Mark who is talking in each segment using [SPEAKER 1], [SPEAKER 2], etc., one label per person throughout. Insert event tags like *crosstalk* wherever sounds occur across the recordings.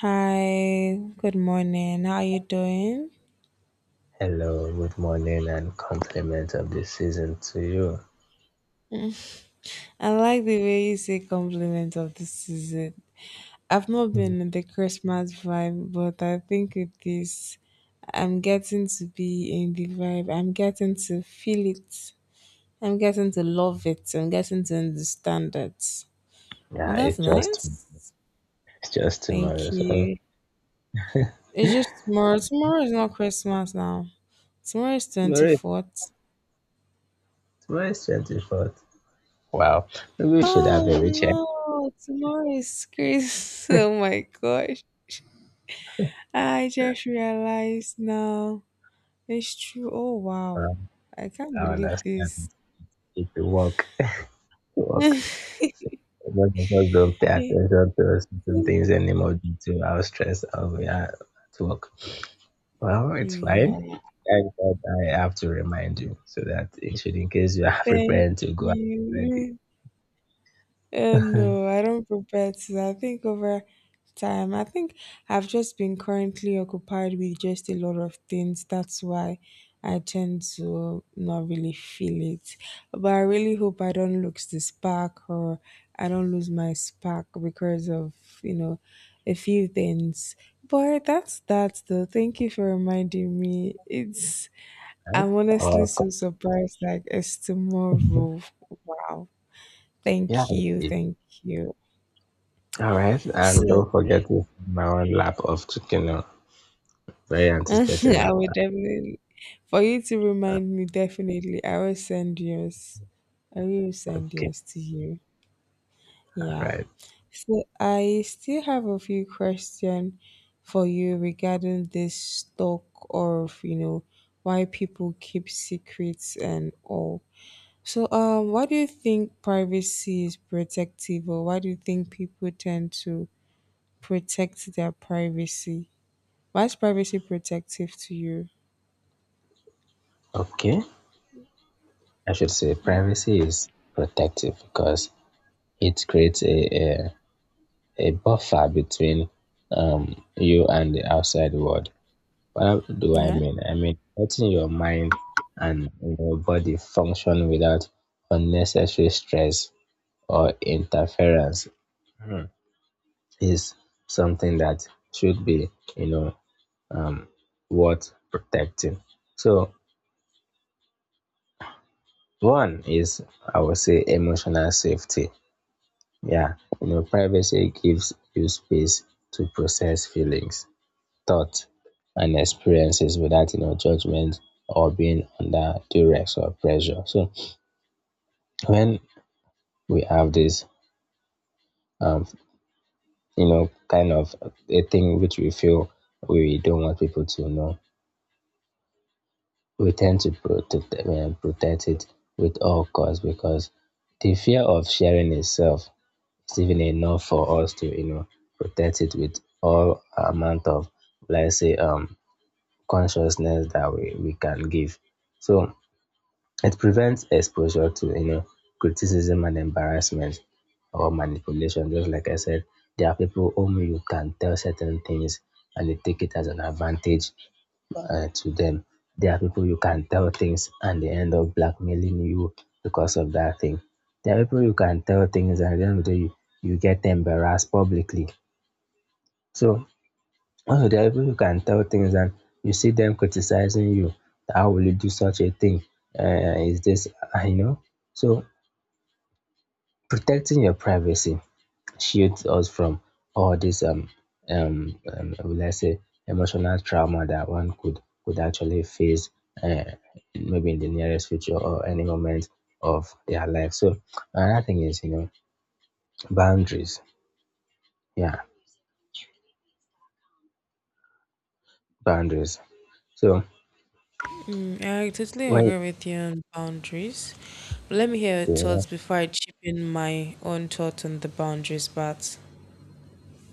[SPEAKER 1] Hi, good morning. How are you doing?
[SPEAKER 2] Hello, good morning, and compliment of the season to you.
[SPEAKER 1] I like the way you say compliment of the season. I've not
[SPEAKER 2] Mm.
[SPEAKER 1] been in the Christmas vibe, but I think with this, I'm getting to be in the vibe. I'm getting to feel it. I'm getting to love it. I'm getting to understand it.
[SPEAKER 2] Yeah, it's
[SPEAKER 1] That's
[SPEAKER 2] just
[SPEAKER 1] nice.
[SPEAKER 2] it's just tomorrow.
[SPEAKER 1] Thank
[SPEAKER 2] So
[SPEAKER 1] you. It's just tomorrow. Tomorrow is not Christmas now. Tomorrow is
[SPEAKER 2] tomorrow,
[SPEAKER 1] 24th.
[SPEAKER 2] tomorrow is 24th. Wow, maybe we should have
[SPEAKER 1] Oh
[SPEAKER 2] a recheck.
[SPEAKER 1] no, tomorrow is Christmas. *laughs* Oh my gosh. I just realized now. It's true. Oh wow.
[SPEAKER 2] Um,
[SPEAKER 1] I can't
[SPEAKER 2] I
[SPEAKER 1] believe
[SPEAKER 2] understand
[SPEAKER 1] this.
[SPEAKER 2] if you work, you
[SPEAKER 1] *laughs*
[SPEAKER 2] work. So most of us don't pay
[SPEAKER 1] Yeah.
[SPEAKER 2] attention to certain things anymore due to how stressed out we are at work. Well, it's fine. Thank God I have to remind you so that it should, in case you are *laughs*
[SPEAKER 1] Thank
[SPEAKER 2] preparing to go out already.
[SPEAKER 1] you. No, I don't prepare to. I think over time, I think I've just been currently occupied with just a lot of things. That's why I tend to not really feel it. But I really hope I don't lose the spark or I don't lose my spark because of, you know, a few things. But that's that though. Thank you for reminding me.
[SPEAKER 2] *laughs*
[SPEAKER 1] I'm honestly
[SPEAKER 2] Well,
[SPEAKER 1] so surprised, like, it's tomorrow.
[SPEAKER 2] *laughs*
[SPEAKER 1] Wow.
[SPEAKER 2] Yeah,
[SPEAKER 1] Thank you.
[SPEAKER 2] it, it-
[SPEAKER 1] Thank you.
[SPEAKER 2] all right. And
[SPEAKER 1] So
[SPEAKER 2] don't
[SPEAKER 1] *laughs*
[SPEAKER 2] forget to send my own lap of chicken. Very anticipating
[SPEAKER 1] I
[SPEAKER 2] that
[SPEAKER 1] will
[SPEAKER 2] one.
[SPEAKER 1] definitely, for you to
[SPEAKER 2] Uh,
[SPEAKER 1] remind me, definitely, I will send yours. I will send
[SPEAKER 2] Okay,
[SPEAKER 1] yours to you.
[SPEAKER 2] all
[SPEAKER 1] Yeah.
[SPEAKER 2] right.
[SPEAKER 1] So I still have a few questions for you regarding this talk of, you know, why people keep secrets and all. So why do you think privacy is protective, or why do you think people tend to protect their privacy? Why is privacy protective to you?
[SPEAKER 2] Okay, I should say privacy is protective because it creates a buffer between you and the outside world. What do I
[SPEAKER 1] Yeah.
[SPEAKER 2] mean? I mean letting your mind and your body function without unnecessary stress or interference is something that should be, you know, worth protecting. So one is I would say emotional safety. Yeah, you know, privacy gives you space to process feelings, thoughts, and experiences without judgment or being under duress or pressure. So when we have this, um, you know, kind of a thing which we feel we don't want people to know, we tend to protect it with all costs because the fear of sharing itself is even enough for us to protect it with all amount of let's say consciousness that we can give. So it prevents exposure to criticism and embarrassment or manipulation. Just like I said, there are people whom you can tell certain things and they take it as an advantage to them. There are people you can tell things and they end up blackmailing you because of that thing. There are people you can tell things and at the end of the day you get embarrassed publicly. So also there are people you can tell things and you see them criticizing you. How will you do such a thing? Is this you know? So protecting your privacy shields us from all this let's say emotional trauma that one could actually face uh, maybe in the nearest future or any moment of their life. So another thing is, you know, boundaries. Yeah, boundaries. So
[SPEAKER 1] Mm, I totally
[SPEAKER 2] when
[SPEAKER 1] agree with you on boundaries. Let me hear your
[SPEAKER 2] okay,
[SPEAKER 1] thoughts before I chip in my own thoughts on the boundaries part.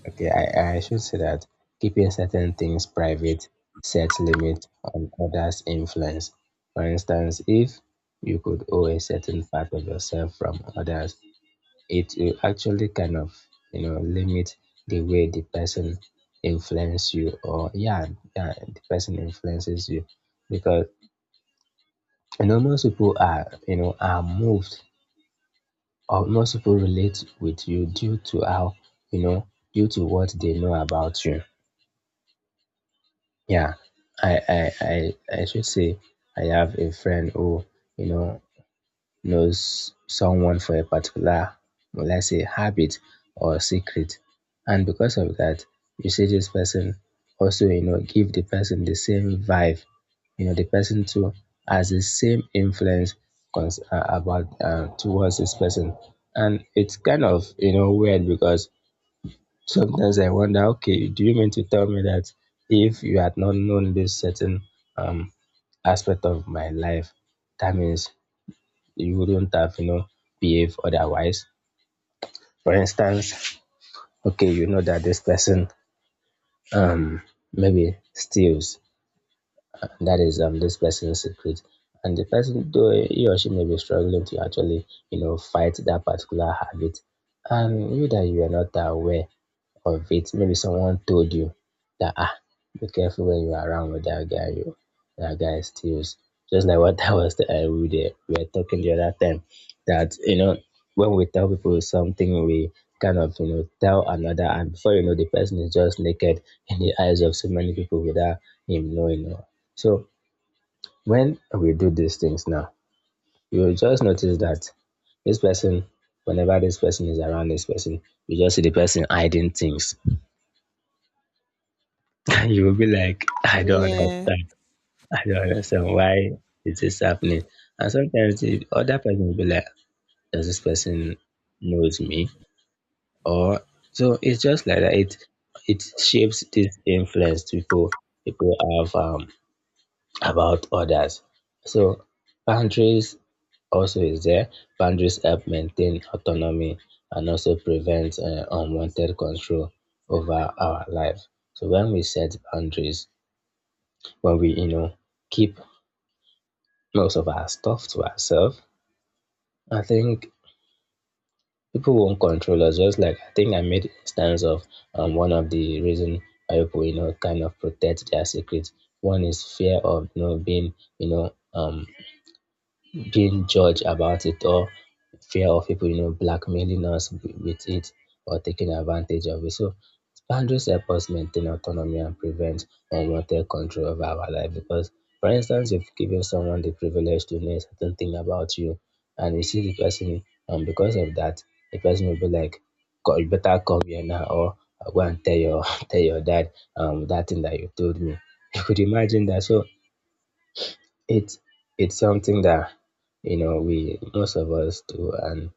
[SPEAKER 2] okay, I should say that keeping certain things private sets limit on others influence. For instance, if you could owe a certain part of yourself from others, it will actually kind of, you know, limit the way the person influence you. Or yeah, the person influences you, because, you know, most people are, are moved, or most people relate with you due to how, you know due to what they know about you. Yeah. i i i, I should say I have a friend who, you know, knows someone for a particular, well, let's say, habit or secret. And because of that, you see this person also, you know, give the person the same vibe. You know, the person too has the same influence about towards this person. And it's kind of, you know, weird because sometimes I wonder, okay, do you mean to tell me that if you had not known this certain um, aspect of my life, that means you wouldn't have, you know, behave otherwise. For instance, okay, you know that this person um maybe steals. That is this person's secret. And the person, though he or she may be struggling to actually, you know, fight that particular habit. And you that you are not aware of it. Maybe someone told you that ah, be careful when you're around with that guy. That guy steals. Just like what *laughs* I was, I would, we were talking the other time that, you know, when we tell people something, we kind of, you know, tell another, and before you know, the person is just naked in the eyes of so many people without him knowing. So when we do these things now, you will just notice that this person, whenever this person is around this person, you just see the person hiding things. *laughs* You will be like, I don't
[SPEAKER 1] Yeah.
[SPEAKER 2] understand. I don't understand why is this happening. And sometimes the other person will be like, does this person knows me? Or so it's just like that. It shapes this influence people have, about others. So boundaries also is there. Boundaries help maintain autonomy and also prevent unwanted control over our life. So when we set boundaries, when we, you know, keep most of our stuff to ourselves, I think people won't control us. Just like I think I made instance of, one of the reason why people, you know, kind of protect their secrets. One is fear of, you know, being judged about it, or fear of people, you know, blackmailing us with it or taking advantage of it. So boundaries help us maintain autonomy and prevent unwanted control over our life. Because, for instance, if giving someone the privilege to know a certain thing about you, and you see the person, because of that, the person will be like, "You better come here now," or "I'll "Go and tell your *laughs* tell your dad that thing that you told me." *laughs* You could imagine that. So it's it's something that, you know, we most of us do, and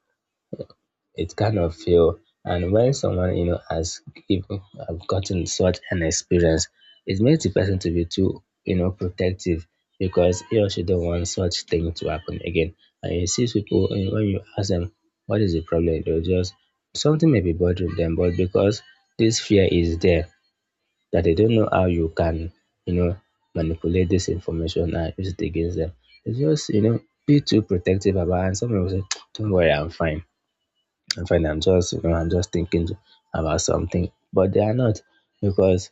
[SPEAKER 2] it kind of feel. And when someone, you know, has given have gotten such an experience, it makes the person to be too, you know, protective, because he or she don't want such thing to happen again. And you see people, and when you ask them what is the problem, they'll just something may be bothering them, but because this fear is there, that they don't know how you can, you know, manipulate this information and use it against them. It's just, you know, be too protective about it. And someone people say, don't worry, I'm fine. I'm fine. I'm just, you know, I'm just thinking about something. But they are not, because,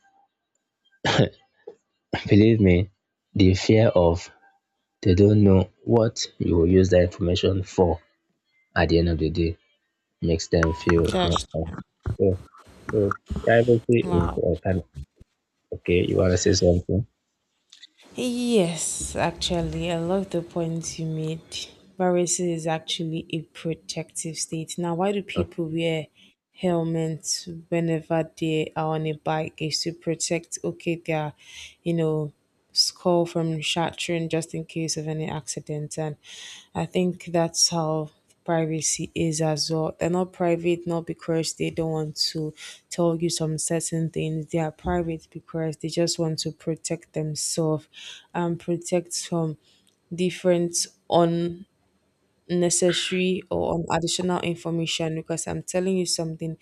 [SPEAKER 2] *laughs* believe me, the fear of they don't know what you will use that information for at the end of the day makes them feel, you know,
[SPEAKER 1] Just
[SPEAKER 2] so, so privacy is
[SPEAKER 1] wow.
[SPEAKER 2] kind of, okay, you want to say something?
[SPEAKER 1] Yes, actually, I love the point you made. Varicose is actually a protective state. Now, why do
[SPEAKER 2] Okay.
[SPEAKER 1] people wear helmets whenever they are on a bike? Is to protect, okay, their, you know, skull from shattering just in case of any accident. And I think that's how privacy is as well. They're not private not because they don't want to tell you some certain things. They are private because they just want to protect themselves and protect from different unnecessary or additional information. Because I'm telling you something,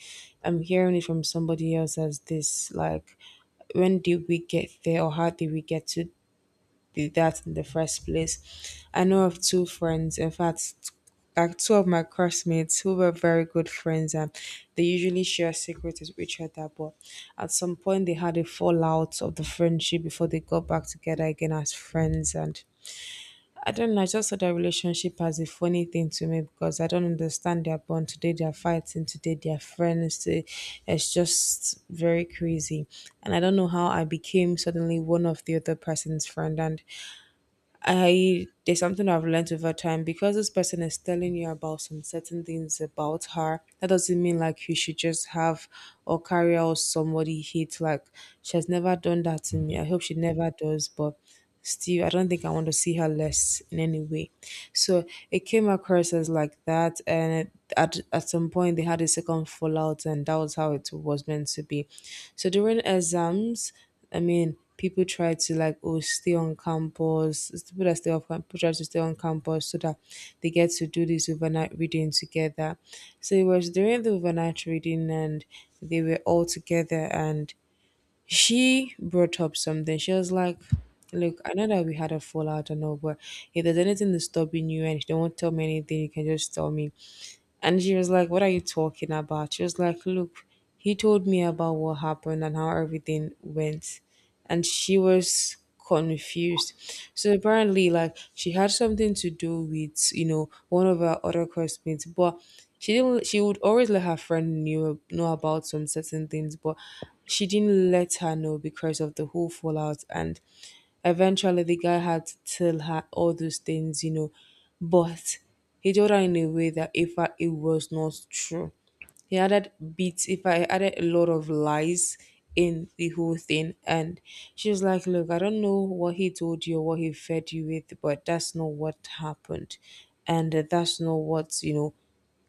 [SPEAKER 1] I'm hearing it from somebody else as this, like, when did we get there, or how did we get to did that in the first place. I know of two friends, in fact, like two of my classmates who were very good friends, and they usually share secrets with each other. But at some point, they had a fallout of the friendship before they got back together again as friends. And I don't know, I just saw their relationship as a funny thing to me because I don't understand their bond. Today they're fighting, today they're friends. Today. It's just very crazy. And I don't know how I became suddenly one of the other person's friend. And I there's something I've learned over time, because this person is telling you about some certain things about her. That doesn't mean like you should just have or carry out somebody hate. Like, she has never done that to me. I hope she never does, but still I don't think I want to see her less in any way. So it came across as like that, and at some point they had a second fallout, and that was how it was meant to be. So during exams, I mean, people try to, like, oh, stay on campus. It's people that stay off campus, people try to stay on campus so that they get to do this overnight reading together. So it was during the overnight reading, and they were all together, and she brought up something. She was like, "Look, I know that we had a fallout and all, but if there's anything that's stopping you and you don't want to tell me anything, you can just tell me." And she was like, "What are you talking about?" She was like, "Look, he told me about what happened and how everything went," and she was confused. So apparently, like, she had something to do with, you know, one of her other classmates, but she didn't. She would always let her friend knew know about some certain things, but she didn't let her know because of the whole fallout. And eventually, the guy had to tell her all those things, you know, but he told her in a way that if it was not true. He added bits if I added a lot of lies in the whole thing. And she was like, "Look, I don't know what he told you or what he fed you with, but that's not what happened." And that's not what, you know,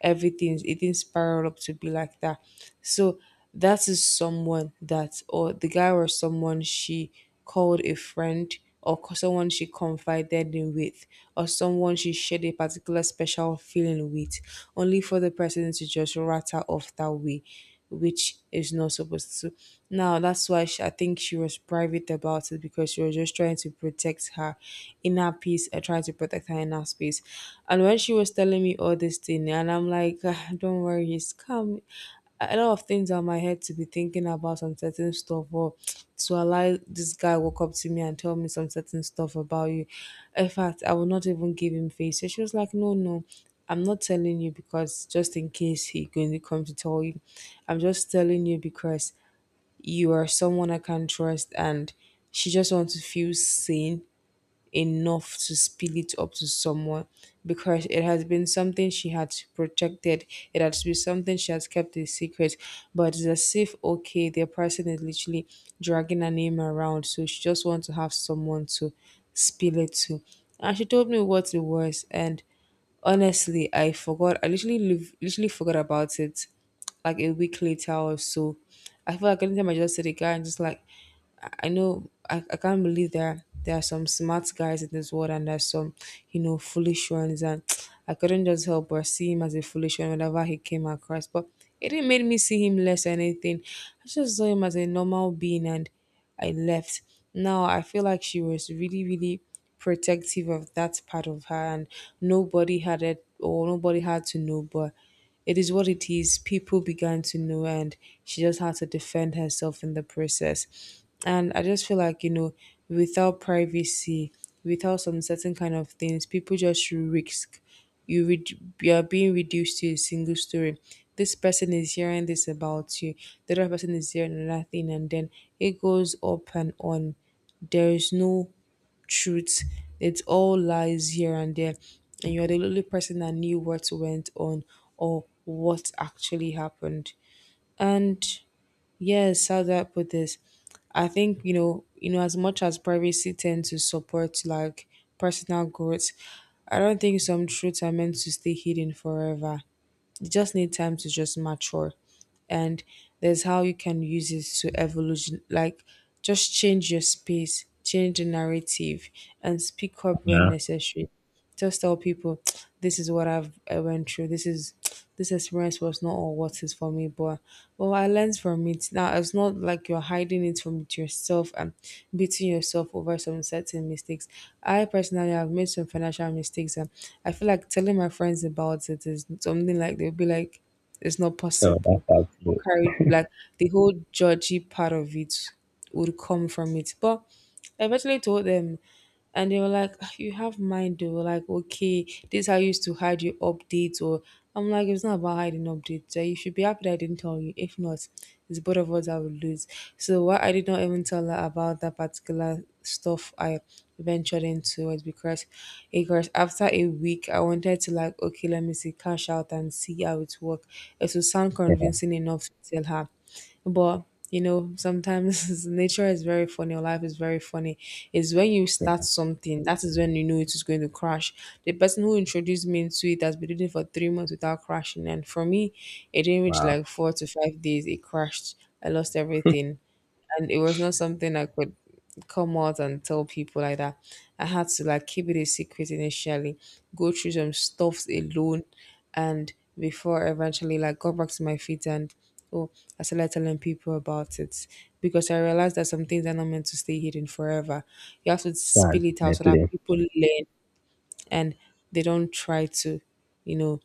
[SPEAKER 1] everything it didn't spiral up to be like that. So that is someone that, or the guy was someone she called a friend, or someone she confided in with, or someone she shared a particular special feeling with, only for the person to just rat her off that way, which is not supposed to. Now, that's why she, I think she was private about it because she was just trying to protect her inner peace and trying to protect her inner space. And when she was telling me all this thing, and I'm like, "Ah, don't worry, it's calm, a lot of things on my head to be thinking about some certain stuff or to allow this guy walk up to me and tell me some certain stuff about you. In fact, I would not even give him face." So she was like, "No, no, I'm not telling you because just in case he going to come to tell you. I'm just telling you because you are someone I can trust," and she just wants to feel seen enough to spill it up to someone, because it has been something she had protected, it has been something she has kept a secret, but it's as if, okay, the person is literally dragging her name around, so she just wants to have someone to spill it to. And she told me what it was, and honestly, I forgot. I literally literally forgot about it like a week later or so. I feel like anytime I just see the guy, I'm just like, I know I, can't believe there are some smart guys in this world and there's some, you know, foolish ones, and *tsk* I couldn't just help but see him as a foolish one whenever he came across. But it didn't make me see him less or anything. I just saw him as a normal being, and I left. Now I feel like she was really, really protective of that part of her, and nobody had it or nobody had to know, but it is what it is. People began to know, and she just had to defend herself in the process. And I just feel like, you know, without privacy, without some certain kind of things, people just risk you are being reduced to a single story. This person is hearing this about you. The other person is hearing another thing, and then it goes up and on. There is no truth. It's all lies here and there, and you are the only person that knew what went on or what actually happened. And yes, how do I put this? I think, you know, as much as privacy tends to support, like, personal growth, I don't think some truths are meant to stay hidden forever. You just need time to just mature, and there's how you can use it to evolution, like, just change your space, change the narrative, and speak up when
[SPEAKER 2] Yeah.
[SPEAKER 1] necessary, just tell people *tsk* this is what I went through, this is *tsk* this experience was not all what is for me, but well, I learned from it. Now it's not like you're hiding it from yourself and beating yourself over some certain mistakes. I personally have made some financial mistakes, and I feel like telling my friends about it is something like they'll be like, "It's not
[SPEAKER 2] So that's
[SPEAKER 1] possible.
[SPEAKER 2] how.
[SPEAKER 1] What carried you?" Like, the whole judgy part of it would come from it. But I eventually told them, and they were like, "Ah, you have mind though." Like, okay, this I used to hide your updates, or I'm like, it's not about hiding updates. Like, you should be happy that I didn't tell you. If not, it's both of us that will lose. So why I did not even tell her about that particular stuff I ventured into was because crash acres. After a week, I wanted to, like, okay, let me see, cash out and see how it works. It would sound
[SPEAKER 2] Yeah,
[SPEAKER 1] convincing enough to tell her. But you know, sometimes *laughs* nature is very funny, or life is very funny. It's when you start
[SPEAKER 2] yeah.
[SPEAKER 1] something that is when you know it is going to crash. The person who introduced me into it has been doing it for 3 months without crashing, and for me, it didn't reach
[SPEAKER 2] Wow.
[SPEAKER 1] like 4 to 5 days. It crashed. I lost everything, and it was not something I could come out and tell people like that. I had to like keep it a secret initially, go through some stuffs alone, and before I eventually like got back to my feet and oh, I started telling people about it because I realized that some things are not meant to stay hidden forever. You have to
[SPEAKER 2] Yeah,
[SPEAKER 1] spill it out so that
[SPEAKER 2] definitely.
[SPEAKER 1] people learn and they don't try to, you know,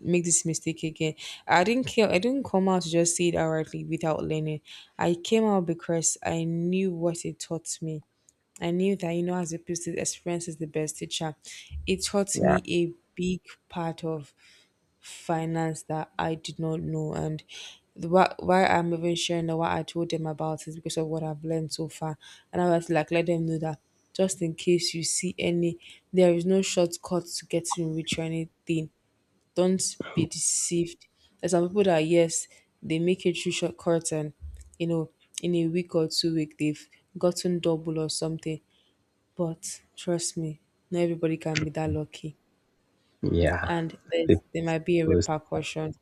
[SPEAKER 1] make this mistake again. I didn't care. I didn't come out to just say it outrightly without learning. I came out because I knew what it taught me. I knew that you know, as a person, experience is the best teacher. It taught
[SPEAKER 2] Yeah,
[SPEAKER 1] me a big part of finance that I did not know, and why I'm even sharing or what I told them about is because of what I've learned so far, and I was like, let them know that just in case you see any, there is no shortcut to getting rich or anything, don't be deceived. There's some people that yes, they make a true shortcut and you know, in a week or 2 week they've gotten double or something. But trust me, not everybody can be that lucky.
[SPEAKER 2] yeah.
[SPEAKER 1] And there might be a
[SPEAKER 2] Because,
[SPEAKER 1] repercussion.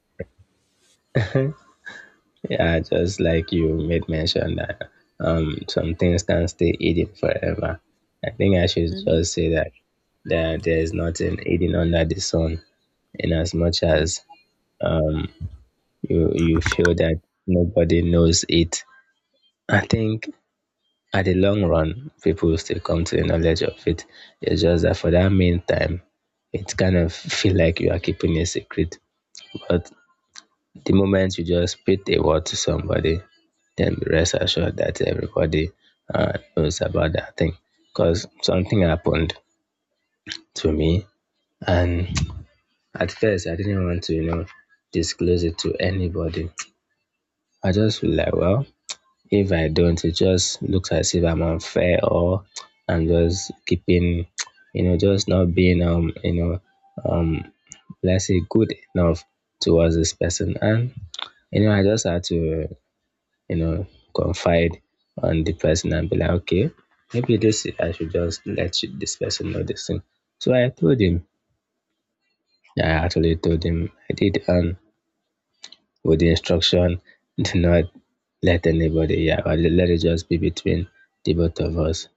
[SPEAKER 2] yeah, just like you made mention that some things can stay hidden forever. I think I should just say that there is nothing hidden under the sun, in as much as um you feel that nobody knows it. I think at the long run, people will still come to the knowledge of it. It's just that for that meantime, it kind of feel like you are keeping a secret. But the moment you just speak a word to somebody, then rest assured that everybody knows about that thing. Because something happened to me, and *tsk* at first I didn't want to, you know, disclose it to anybody. I just feel like, well, if I don't, it just looks as if I'm unfair, or *tsk* I'm just keeping, *tsk* you know, just not being, you know, um, let's say good enough towards this person. And, you know, I just had to, you know, confide on the person and be like, okay, maybe this I should just this person know this thing. So I told him. I actually told him I did, and with the instruction, *laughs* do not let anybody, yeah, or let it just be between the both of us.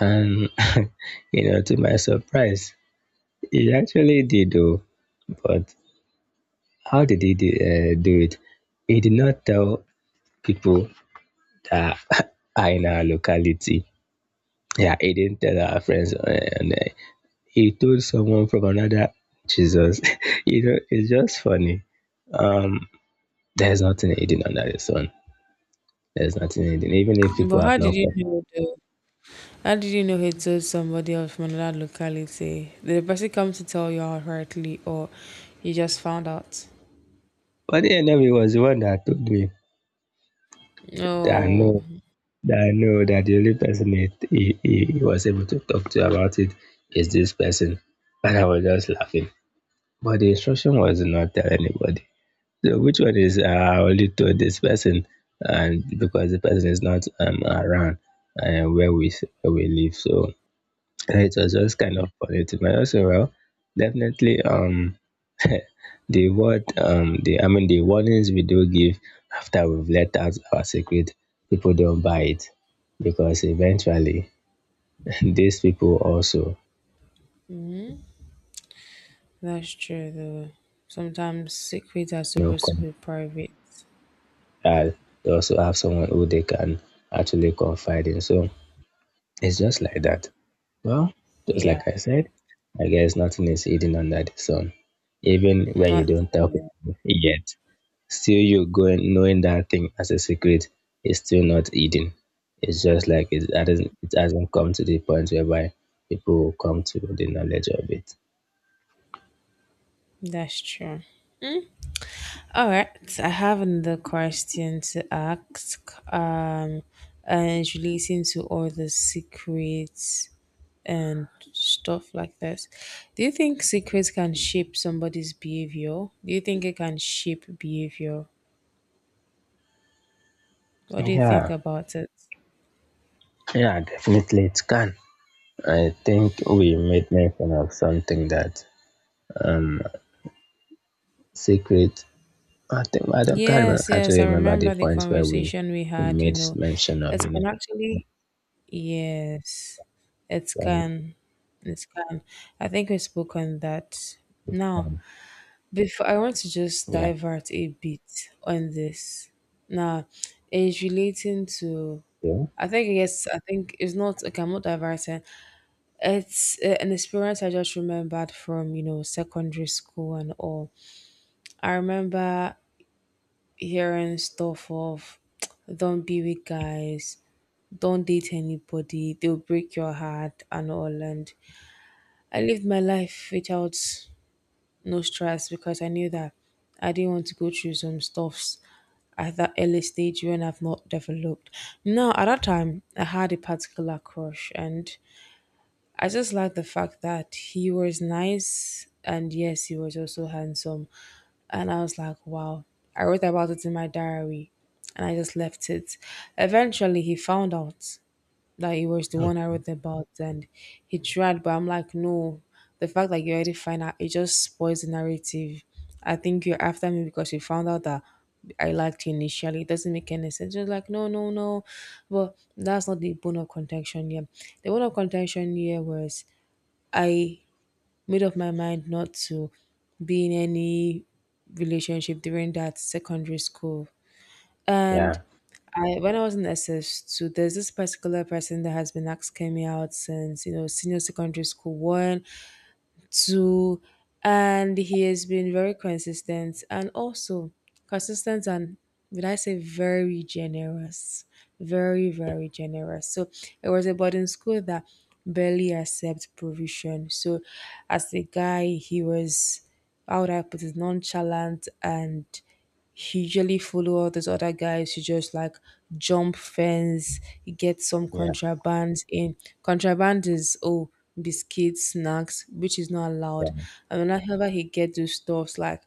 [SPEAKER 2] And *laughs* you know, to my surprise, he actually did do. But how did he do, do it? He did not tell people that *laughs* are in our locality. Yeah, he didn't tell our friends, and he told someone from another. Jesus. *laughs* You know, it's just funny. Um, there's nothing hidden under the sun. There's nothing hidden, even if people
[SPEAKER 1] But
[SPEAKER 2] have
[SPEAKER 1] how did
[SPEAKER 2] not
[SPEAKER 1] you
[SPEAKER 2] come.
[SPEAKER 1] know though? How did you know he told somebody else from another locality? Did the person come to tell you outrightly or you just found out?
[SPEAKER 2] But the enemy was the one that told me that I
[SPEAKER 1] Oh,
[SPEAKER 2] know that I know that the only person he was able to talk to about it is this person, and I was just laughing. But the instruction was not tell anybody. So which one is, only to this person, and because the person is not, around, uh, where we where we live, so it was just kind of positive. But also, well, definitely, *laughs* the word, the I mean, the warnings we do give after we've let out our secret, people don't buy it, because eventually *laughs* these people also,
[SPEAKER 1] that's true though. Sometimes secrets are
[SPEAKER 2] you know,
[SPEAKER 1] supposed to
[SPEAKER 2] come
[SPEAKER 1] be private.
[SPEAKER 2] uh, they also have someone who they can actually confide in. So it's just like that. Well, just
[SPEAKER 1] Yeah,
[SPEAKER 2] like I said, I guess nothing is hidden under the sun. Even when you
[SPEAKER 1] not
[SPEAKER 2] don't tell people yet, still you going knowing that thing as a secret is still not hidden. It's just like it hasn't come to the point whereby people will come to the knowledge of it.
[SPEAKER 1] that's true. All right, so I have another question to ask. And it's relating to all the secrets and stuff like this. Do you think secrets can shape somebody's behavior? Do you think it can shape behavior? What do you think
[SPEAKER 2] Yeah,
[SPEAKER 1] about it?
[SPEAKER 2] yeah, definitely it can. I think we made mention of something that um secret, I think I don't can't remember,
[SPEAKER 1] Yes, yes,
[SPEAKER 2] actually
[SPEAKER 1] I
[SPEAKER 2] remember the
[SPEAKER 1] remember the
[SPEAKER 2] points where we
[SPEAKER 1] conversation we had. You
[SPEAKER 2] made
[SPEAKER 1] know,
[SPEAKER 2] mention of
[SPEAKER 1] it can actually. Yes, it
[SPEAKER 2] um,
[SPEAKER 1] can. It can. I think we spoke on that. Now,
[SPEAKER 2] um,
[SPEAKER 1] before I want to just
[SPEAKER 2] yeah,
[SPEAKER 1] divert a bit on this. Now, it's relating to.
[SPEAKER 2] yeah
[SPEAKER 1] I think yes. I think it's not. Okay, I'm not diverting. It's an experience I just remembered from you know secondary school and all. I remember hearing stuff of *tsk* "Don't be with guys." Don't date anybody, they'll break your heart and all. And I lived my life without no stress because I knew that I didn't want to go through some stuffs at that early stage when I've not developed. Now, at that time, I had a particular crush, and I just liked the fact that he was nice and yes, he was also handsome. And I was like, wow. I wrote about it in my diary and I just left it. Eventually, he found out like it was the one I wrote about, and he tried, but I'm like, no. The fact that you already find out, it just spoils the narrative. I think you're after me because you found out that I liked you initially. It doesn't make any sense. Just like no, no, no. But that's not the bone of contention here. The bone of contention here was I made up my mind not to be in any relationship during that secondary school, and
[SPEAKER 2] yeah
[SPEAKER 1] I, when I was in SS2, there's this particular person that has been asking me out since, you know, senior secondary school one, two, and he has been very consistent and also consistent and, would I say, very generous. Very, very generous. So it was a boarding school that barely accepts provision. So as a guy, he was, how would I put it, nonchalant, and he usually follow all these other guys who just like jump fence, get some
[SPEAKER 2] yeah
[SPEAKER 1] contrabands in. Contraband is biscuits, snacks, which is not allowed.
[SPEAKER 2] yeah
[SPEAKER 1] And whenever he get those stuffs, like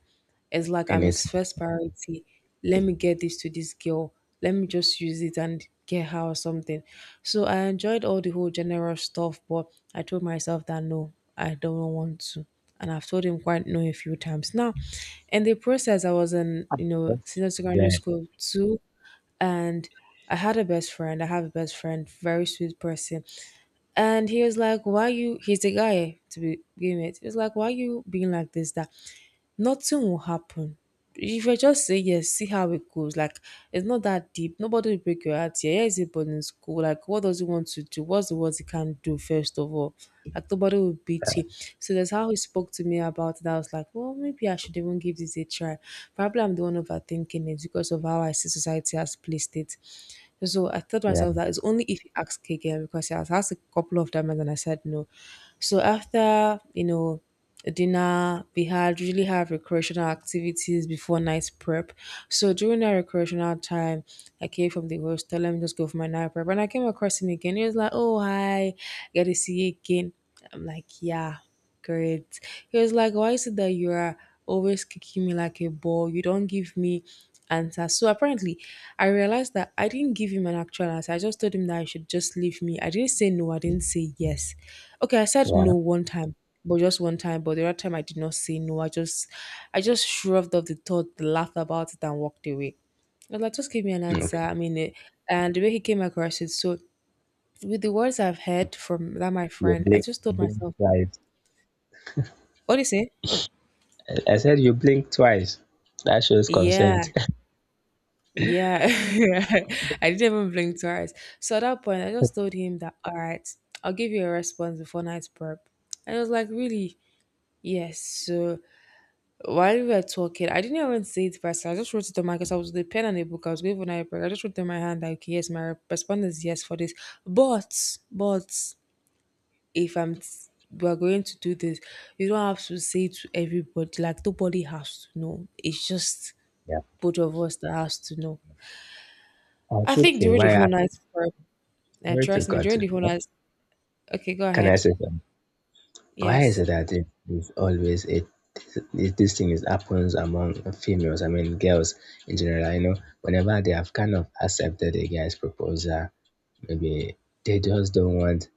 [SPEAKER 1] it's like
[SPEAKER 2] and
[SPEAKER 1] I'm
[SPEAKER 2] it's
[SPEAKER 1] his first priority. Let me get this to this girl. Let me just use it and get her or something. So I enjoyed all the whole general stuff, but I told myself that no, I don't want to, and I've told him quite no a few times now. In the process, I was in you know senior secondary
[SPEAKER 2] yeah,
[SPEAKER 1] school too, and I had a best friend. I have a best friend, very sweet person, and he was like, "Why you?" He's a guy to be begin it. He was like, "Why you being like this?" That nothing will happen. If you just say yes, see how it goes. Like it's not that deep. Nobody will break your heart. Yeah, yeah, is it boarding school. Like what does he want to do? What's the worst he can do first of all? Like nobody will beat you. So that's how he spoke to me about it. I was like, well, maybe I should even give this a try. Probably I'm the one overthinking it because of how I see society has placed it. So I told
[SPEAKER 2] yeah
[SPEAKER 1] myself that it's only if he asks again because I was asked a couple of times and I said no. So after, you know, dinner we had usually have recreational activities before night prep, so during that recreational time I came from the hostel, let me just go for my night prep, and I came across him again. He was like, oh, hi, get to see you again. I'm like, yeah, great. He was like, why is it that you are always kicking me like a ball, you don't give me answers. So apparently I realized that I didn't give him an actual answer. I just told him that I should just leave me, I didn't say no, I didn't say yes. Okay, I said no
[SPEAKER 2] yeah
[SPEAKER 1] one time, but just one time. But the other time I did not say no. I just shrugged off the thought, laughed about it, and walked away. I was like, just give me an answer.
[SPEAKER 2] okay.
[SPEAKER 1] I mean, it, and the way he came across it. So with the words I've heard from that my
[SPEAKER 2] you
[SPEAKER 1] friend, I
[SPEAKER 2] blink
[SPEAKER 1] just
[SPEAKER 2] you
[SPEAKER 1] told
[SPEAKER 2] blink
[SPEAKER 1] myself, that,
[SPEAKER 2] twice.
[SPEAKER 1] what do you say?
[SPEAKER 2] I said you blink twice, that shows
[SPEAKER 1] Yeah,
[SPEAKER 2] consent. *laughs*
[SPEAKER 1] yeah. *laughs* I didn't even blink twice. So at that point, I just told him that, all right, I'll give you a response before night prep. And I was like, really? Yes. So while we were talking, I didn't even say it first. I just wrote it on my, because I was with a pen and a book. I was going for an iPad. I just wrote it on my hand like yes, my response is yes for this. But if I'm, we're going to do this, you don't have to say to everybody. Like nobody has to know. It's just
[SPEAKER 2] Yeah,
[SPEAKER 1] both of us that has to know.
[SPEAKER 2] I
[SPEAKER 1] I
[SPEAKER 2] should
[SPEAKER 1] think
[SPEAKER 2] say
[SPEAKER 1] during the
[SPEAKER 2] why
[SPEAKER 1] whole
[SPEAKER 2] I'm
[SPEAKER 1] night prep, and
[SPEAKER 2] sorry to
[SPEAKER 1] trust me,
[SPEAKER 2] cut
[SPEAKER 1] during
[SPEAKER 2] you.
[SPEAKER 1] the whole night. Okay, go
[SPEAKER 2] Can I
[SPEAKER 1] ahead.
[SPEAKER 2] say something? Why is
[SPEAKER 1] Yes,
[SPEAKER 2] it that it is always it this thing is happens among females? I mean, girls in general. You know, whenever they have kind of accepted a guy's proposal, maybe they just don't want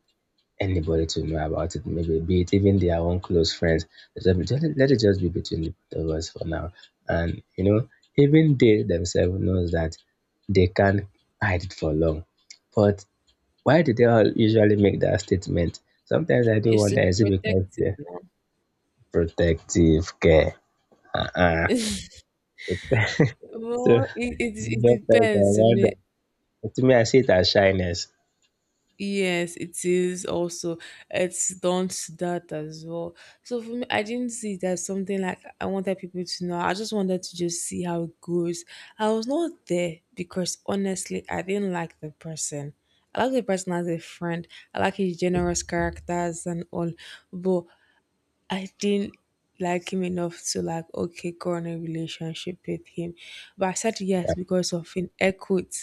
[SPEAKER 2] anybody to know about it. Maybe be it even their own close friends. They just- Let it just be between the both of us for now. And you know, even they themselves knows that they can't hide it for long. But why do they all usually make that statement? Sometimes I do
[SPEAKER 1] it's
[SPEAKER 2] wonder,
[SPEAKER 1] to
[SPEAKER 2] is it because
[SPEAKER 1] protect it
[SPEAKER 2] they
[SPEAKER 1] now.
[SPEAKER 2] protective care. Uh-uh. So
[SPEAKER 1] Well, it
[SPEAKER 2] doctors
[SPEAKER 1] depends.
[SPEAKER 2] are
[SPEAKER 1] To
[SPEAKER 2] wonder.
[SPEAKER 1] me.
[SPEAKER 2] To me, I see it as shyness.
[SPEAKER 1] Yes, it is also. It's done to that as well. So for me, I didn't see it as something like I wanted people to know. I just wanted to just see how it goes. I was not there because honestly, I didn't like the person. I like the person as a friend. I like his generous characters and all, but I didn't like him enough to like okay, go on a relationship with him. But I said yes
[SPEAKER 2] Yeah,
[SPEAKER 1] because of an equity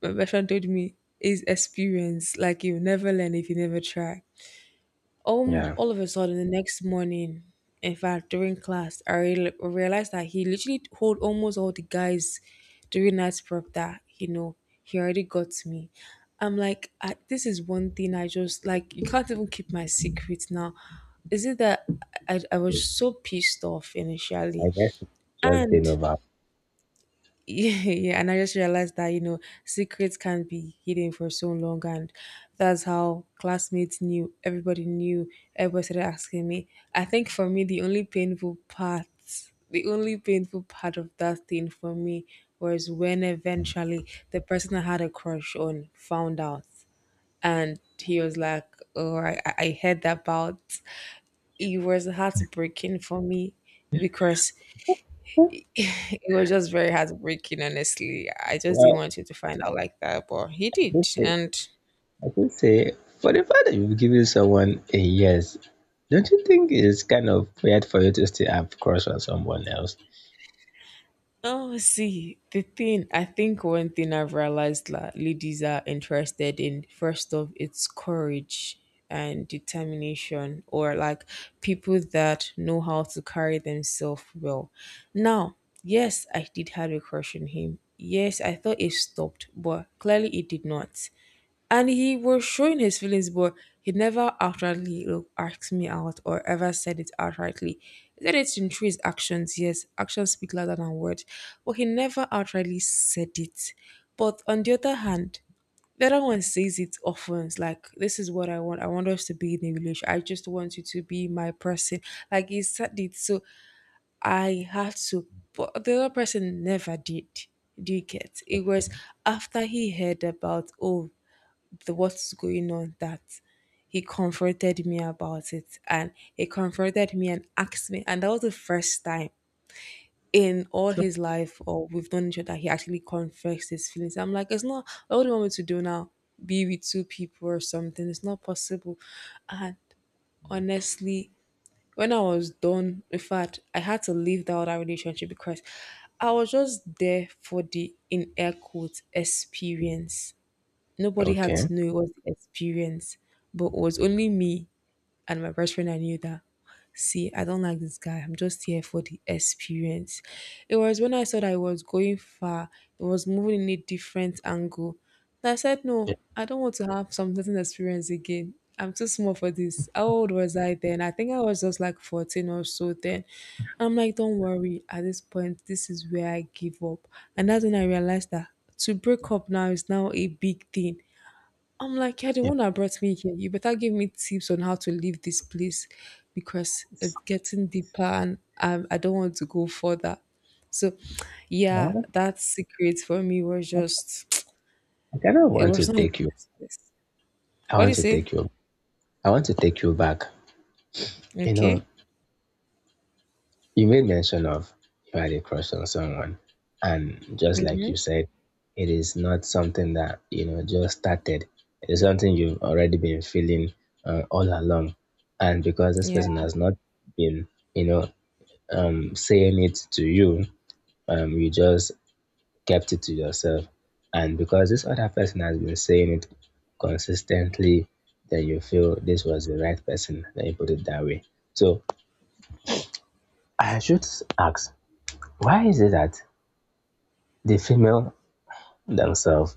[SPEAKER 1] my best friend told me is experience. Like you never learn if you never try.
[SPEAKER 2] yeah.
[SPEAKER 1] All of a sudden the next morning, in fact during class, I realized that he literally told almost all the guys during night prep that you know he already got me. I'm like, I, this is one thing I just like. You can't even keep my secret now. Is it that I was so pissed off
[SPEAKER 2] I
[SPEAKER 1] initially,
[SPEAKER 2] guess it's just
[SPEAKER 1] and
[SPEAKER 2] being over.
[SPEAKER 1] *laughs* yeah, and I just realized that you know secrets can be hidden for so long, and that's how classmates knew. Everybody knew. Everybody started asking me. I think for me, the only painful part, the only painful part of that thing for me was when eventually the person I had a crush on found out, and he was like, "Oh, I heard about." It was heartbreaking for me because it was just very heartbreaking, honestly. I just didn't
[SPEAKER 2] Well,
[SPEAKER 1] want him to find out like that, but he
[SPEAKER 2] I would
[SPEAKER 1] did.
[SPEAKER 2] say,
[SPEAKER 1] And
[SPEAKER 2] I would say, for the fact that you've given someone a yes, don't you think it's kind of weird for you to still have crush on someone else?
[SPEAKER 1] oh, see, the thing I think one thing I've realized that ladies are interested in first of it's courage and determination, or like people that know how to carry themselves well. Now, yes, I did have a crush on him. Yes, I thought it stopped, but clearly it did not. And he was showing his feelings, but he never outrightly asked me out or ever said it outrightly. He said it in through his actions. Yes, actions speak louder than words, but he never outrightly said it. But on the other hand, the other one says it often. It's like, this is what I want. I want us to be in a relationship. I just want you to be my person. Like he said it, so I had to. But the other person never did. Do you get? It was after he heard about, oh, the what's going on, that he confronted me about it, and he confronted me and asked me, and that was the first time in all
[SPEAKER 2] So,
[SPEAKER 1] his life or we've known each other he actually confessed his feelings. I'm like, it's not, what do you want me to do now? Be with two people or something? It's not possible. And
[SPEAKER 2] yeah.
[SPEAKER 1] honestly, when I was done, in fact I had to leave that other relationship, because I was just there for the, in air quotes, experience. Nobody had
[SPEAKER 2] Okay,
[SPEAKER 1] to know it was the experience, but it was only me and my best friend. I knew that. See, I don't like this guy. I'm just here for the experience. It was when I saw that I was going far, it was moving in a different angle. And I said,
[SPEAKER 2] yeah,
[SPEAKER 1] no, I don't want to have some certain experience again. I'm too small for this. How old was I then? I think I was just like 14 or so then. I'm like, don't worry. At this point, this is where I give up. And that's when I realized that to break up now is now a big thing. I'm like, you're the
[SPEAKER 2] yeah.
[SPEAKER 1] one that brought me here. You better give me tips on how to leave this place, because it's getting deeper and I don't want to go further. So, yeah,
[SPEAKER 2] Well,
[SPEAKER 1] that secret for me was
[SPEAKER 2] I,
[SPEAKER 1] just,
[SPEAKER 2] I kind of
[SPEAKER 1] *tsk* it
[SPEAKER 2] want to
[SPEAKER 1] was not a
[SPEAKER 2] take you.
[SPEAKER 1] nice place.
[SPEAKER 2] I
[SPEAKER 1] What do
[SPEAKER 2] want
[SPEAKER 1] you
[SPEAKER 2] to
[SPEAKER 1] say?
[SPEAKER 2] take you. I want to take you back. You know,
[SPEAKER 1] Okay.
[SPEAKER 2] you made mention of you had a crush on someone, and just like you said, it is not something that you know just started. It is something you've already been feeling all along, and because this
[SPEAKER 1] Yeah.
[SPEAKER 2] person has not been, you know, saying it to you, you just kept it to yourself, and because this other person has been saying it consistently, then you feel this was the right person. Then you put it that way. So I should ask, why is it that the female themselves,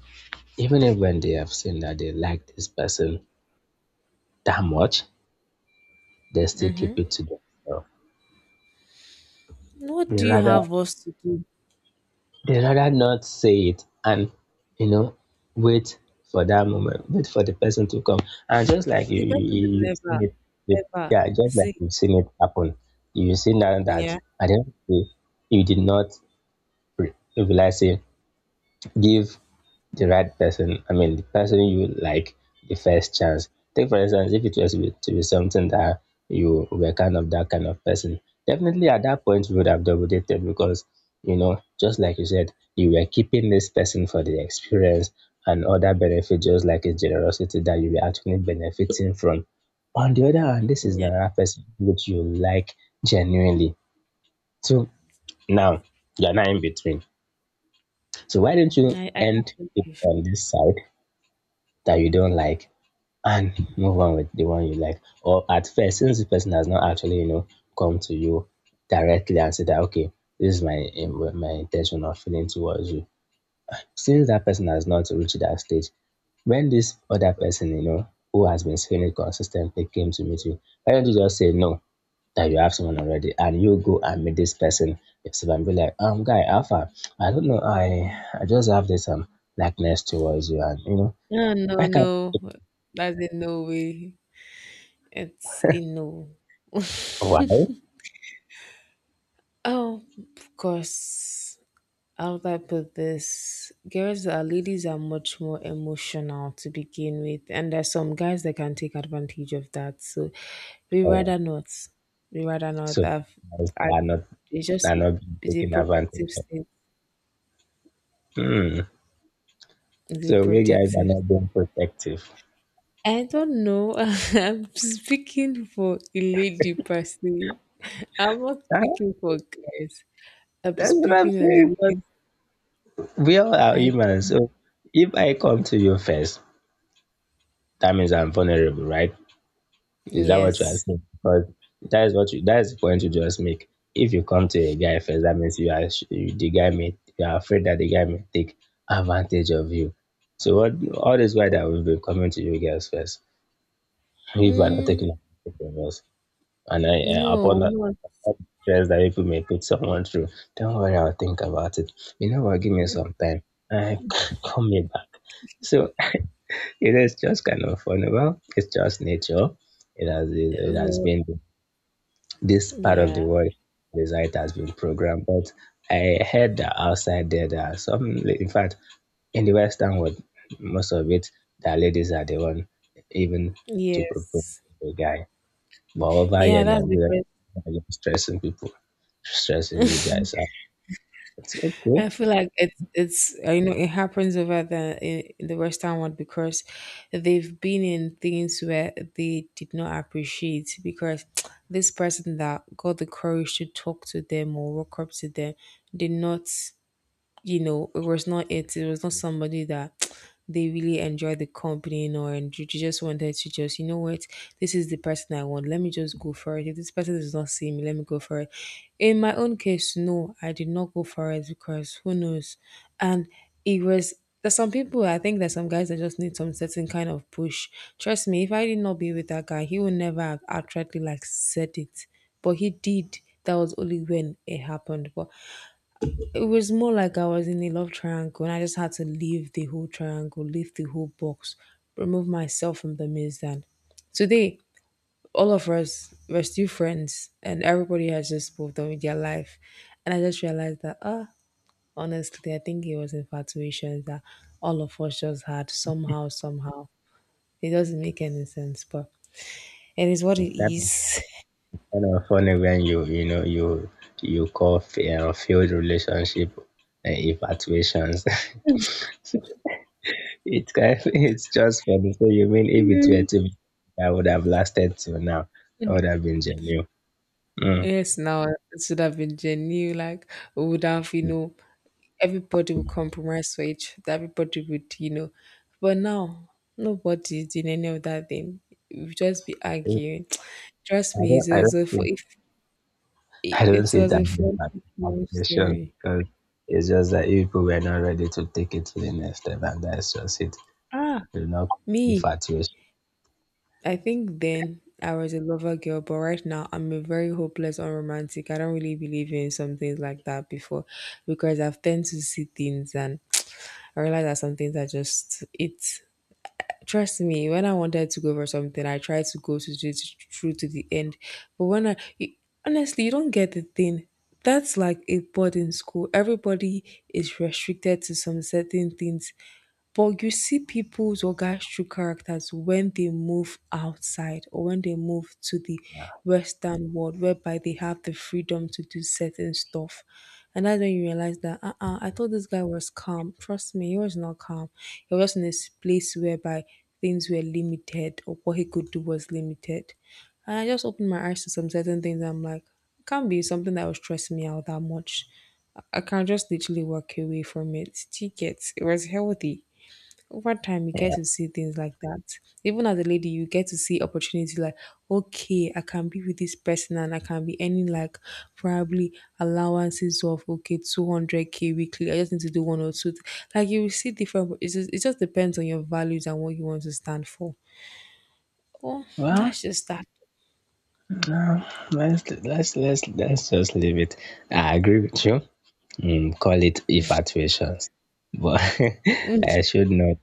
[SPEAKER 2] even if when they have seen that they like this person that much, they still keep it to themselves.
[SPEAKER 1] What
[SPEAKER 2] They
[SPEAKER 1] do you
[SPEAKER 2] rather
[SPEAKER 1] have us to do?
[SPEAKER 2] they rather not say it and you know wait for that moment, wait for the person to come. And just like you,
[SPEAKER 1] The person will
[SPEAKER 2] you've seen
[SPEAKER 1] never,
[SPEAKER 2] it, you,
[SPEAKER 1] ever
[SPEAKER 2] yeah, just like
[SPEAKER 1] see.
[SPEAKER 2] you've seen it happen, you've seen that
[SPEAKER 1] Yeah.
[SPEAKER 2] at the end of the day, you did not realize it, give the right person, I mean, the person you like, the first chance. Take, for instance, if it was to be something that you were kind of that kind of person, definitely at that point you would have double dated because, you know, just like you said, you were keeping this person for the experience and other benefits, just like his generosity that you were actually benefiting from. On the other hand, this is
[SPEAKER 1] Yeah.
[SPEAKER 2] another person which you like genuinely. So now you're not in between. So why don't you
[SPEAKER 1] I have
[SPEAKER 2] end
[SPEAKER 1] to
[SPEAKER 2] it
[SPEAKER 1] leave.
[SPEAKER 2] on this side that you don't like and move on with the one you like? Or at first, since the person has not actually, you know, come to you directly and said that, okay, this is my my intention or feeling towards you. Since that person has not reached that stage, when this other person, you know, who has been saying it consistently came to meet you, why don't you just say no, that you have someone already, and you go and meet this person yourself and be like, guy, Alpha, I don't know, I just have this likeness towards you and you know,
[SPEAKER 1] No, no,
[SPEAKER 2] I can't.
[SPEAKER 1] no. That's a no way. It's a no. *laughs*
[SPEAKER 2] Why?
[SPEAKER 1] Oh, of course. How would I put this? Girls are Ladies are much more emotional to begin with, and there's some guys that can take advantage of that. So we
[SPEAKER 2] Oh,
[SPEAKER 1] rather not. We rather
[SPEAKER 2] so
[SPEAKER 1] not. I've,
[SPEAKER 2] guys
[SPEAKER 1] I It's
[SPEAKER 2] are
[SPEAKER 1] just
[SPEAKER 2] not being
[SPEAKER 1] the
[SPEAKER 2] taken
[SPEAKER 1] protective
[SPEAKER 2] advantage of.
[SPEAKER 1] state.
[SPEAKER 2] Hmm.
[SPEAKER 1] The
[SPEAKER 2] So we guys are
[SPEAKER 1] protective.
[SPEAKER 2] not being protective.
[SPEAKER 1] I don't know. *laughs* I'm speaking for a lady personally. I'm not
[SPEAKER 2] Ah,
[SPEAKER 1] speaking for guys. I'm
[SPEAKER 2] that's what I'm
[SPEAKER 1] speaking on
[SPEAKER 2] saying. But
[SPEAKER 1] ladies.
[SPEAKER 2] we all are
[SPEAKER 1] I
[SPEAKER 2] humans.
[SPEAKER 1] don't.
[SPEAKER 2] So if I come to you first, that means I'm vulnerable, right? Is that what you are
[SPEAKER 1] Yes.
[SPEAKER 2] saying? Because that is the point you just make. If you come to a guy first, that means you are the guy may, you are afraid that the guy may take advantage of you. So what all this why that we've been coming to you guys first. If you are not
[SPEAKER 1] Mm.
[SPEAKER 2] taking advantage of us. And I,
[SPEAKER 1] No,
[SPEAKER 2] upon
[SPEAKER 1] I'm
[SPEAKER 2] that
[SPEAKER 1] not.
[SPEAKER 2] stress that people may put someone through, don't worry, I'll think about it. You know what? Give me some time. I *laughs* call me back. So *laughs* it is just kind of funny. Well, it's just nature. It has it has
[SPEAKER 1] Uh,
[SPEAKER 2] been this part of the
[SPEAKER 1] Yeah.
[SPEAKER 2] world. This it has been programmed. But I heard that outside there, there are some. In fact, in the Western world, most of it, the ladies are the one even to propose
[SPEAKER 1] Yes.
[SPEAKER 2] to the guy. But over here
[SPEAKER 1] Yeah,
[SPEAKER 2] in
[SPEAKER 1] that's
[SPEAKER 2] Nigeria,
[SPEAKER 1] because
[SPEAKER 2] I'm just stressing people, stressing you guys out. It's okay.
[SPEAKER 1] I feel like it's you know, it happens over in the Western world because they've been in things where they did not appreciate, because *tsk* this person that got the courage to talk to them or walk up to them did not, you know, it was not it. It was not somebody that *tsk* they really enjoyed the company nor, and you just wanted to just, you know what, this is the person I want. Let me just go for it. If this person does not see me, let me go for it. In my own case, no, I did not go for it, because who knows? And it was, there's some people, I think there's some guys that just need some certain kind of push. Trust me, if I did not be with that guy, he would never have outrightly like said it. But he did. That was only when it happened. But it was more like I was in a love triangle and I just had to leave the whole triangle, leave the whole box, remove myself from the maze. And today, all of us were still friends and everybody has just moved on with their life. And I just realized that, ah, honestly, I think it was infatuation that all of us just had, somehow, somehow. It doesn't make any sense, but it is what it
[SPEAKER 2] That kind
[SPEAKER 1] is. *laughs*
[SPEAKER 2] of kind of funny when you know you call failed relationship infatuations. *laughs* It's kind of, it's just funny. So you mean if it were to be, that would have lasted till now, that would have been genuine. Mm.
[SPEAKER 1] Yes, now it should have been genuine. Like we would have, you know, everybody would compromise for each other. Everybody would, you know. But now, nobody is doing any of that thing. We just be arguing. *tsk* Trust
[SPEAKER 2] I
[SPEAKER 1] me,
[SPEAKER 2] don't
[SPEAKER 1] it
[SPEAKER 2] I
[SPEAKER 1] was
[SPEAKER 2] don't
[SPEAKER 1] a,
[SPEAKER 2] see
[SPEAKER 1] if
[SPEAKER 2] I don't
[SPEAKER 1] it
[SPEAKER 2] see
[SPEAKER 1] was
[SPEAKER 2] that
[SPEAKER 1] a
[SPEAKER 2] as
[SPEAKER 1] funny love
[SPEAKER 2] infatuation
[SPEAKER 1] story.
[SPEAKER 2] because it's just that you people were not ready to take it to the next step, and that's just it.
[SPEAKER 1] Ah,
[SPEAKER 2] There's no
[SPEAKER 1] me.
[SPEAKER 2] infatuation.
[SPEAKER 1] I think then I was a lover girl, but right now I'm a very hopeless, unromantic. I don't really believe in some things like that before, because I've tend to see things and I realize that some things are just it. Trust me, when I wanted to go for something, I tried to go to it through to the end. But honestly, you don't get the thing. That's like a boarding school. Everybody is restricted to some certain things. But you see people's or guys' true characters when they move outside or when they move to the Western world, whereby they have the freedom to do certain stuff. And that's when you realize that, I thought this guy was calm. Trust me, he was not calm. He was just in this place whereby things were limited, or what he could do was limited. And I just opened my eyes to some certain things. I'm like, it can't be something that was stressing me out that much. I can just literally walk away from it. Tickets. It was healthy. Over time you get
[SPEAKER 2] Yeah.
[SPEAKER 1] to see things like that, even as a lady you get to see opportunity. Like, okay, I can be with this person and I can be earning like probably allowances of, okay, 200K weekly. I just need to do one or two like, you will see different. It's just, it just depends on your values and what you want to stand for. Oh,
[SPEAKER 2] Well,
[SPEAKER 1] that's just that.
[SPEAKER 2] no, let's just leave it. I agree with you. Mm, call it infatuations, but *laughs*
[SPEAKER 1] Mm,
[SPEAKER 2] I should note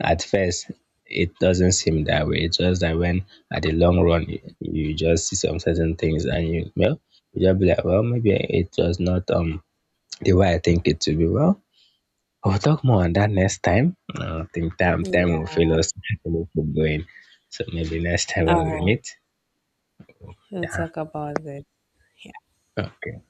[SPEAKER 2] at first it doesn't seem that way. It's just that when at the long run you, you just see some certain things and you well you just be like, well maybe it was not the way I think it to be. Well, we'll talk more on that next time. I don't think time will
[SPEAKER 1] yeah,
[SPEAKER 2] fail us *laughs* to keep going. So maybe next time
[SPEAKER 1] all
[SPEAKER 2] when we
[SPEAKER 1] right,
[SPEAKER 2] meet.
[SPEAKER 1] we'll
[SPEAKER 2] Yeah.
[SPEAKER 1] talk about this.
[SPEAKER 2] Okay.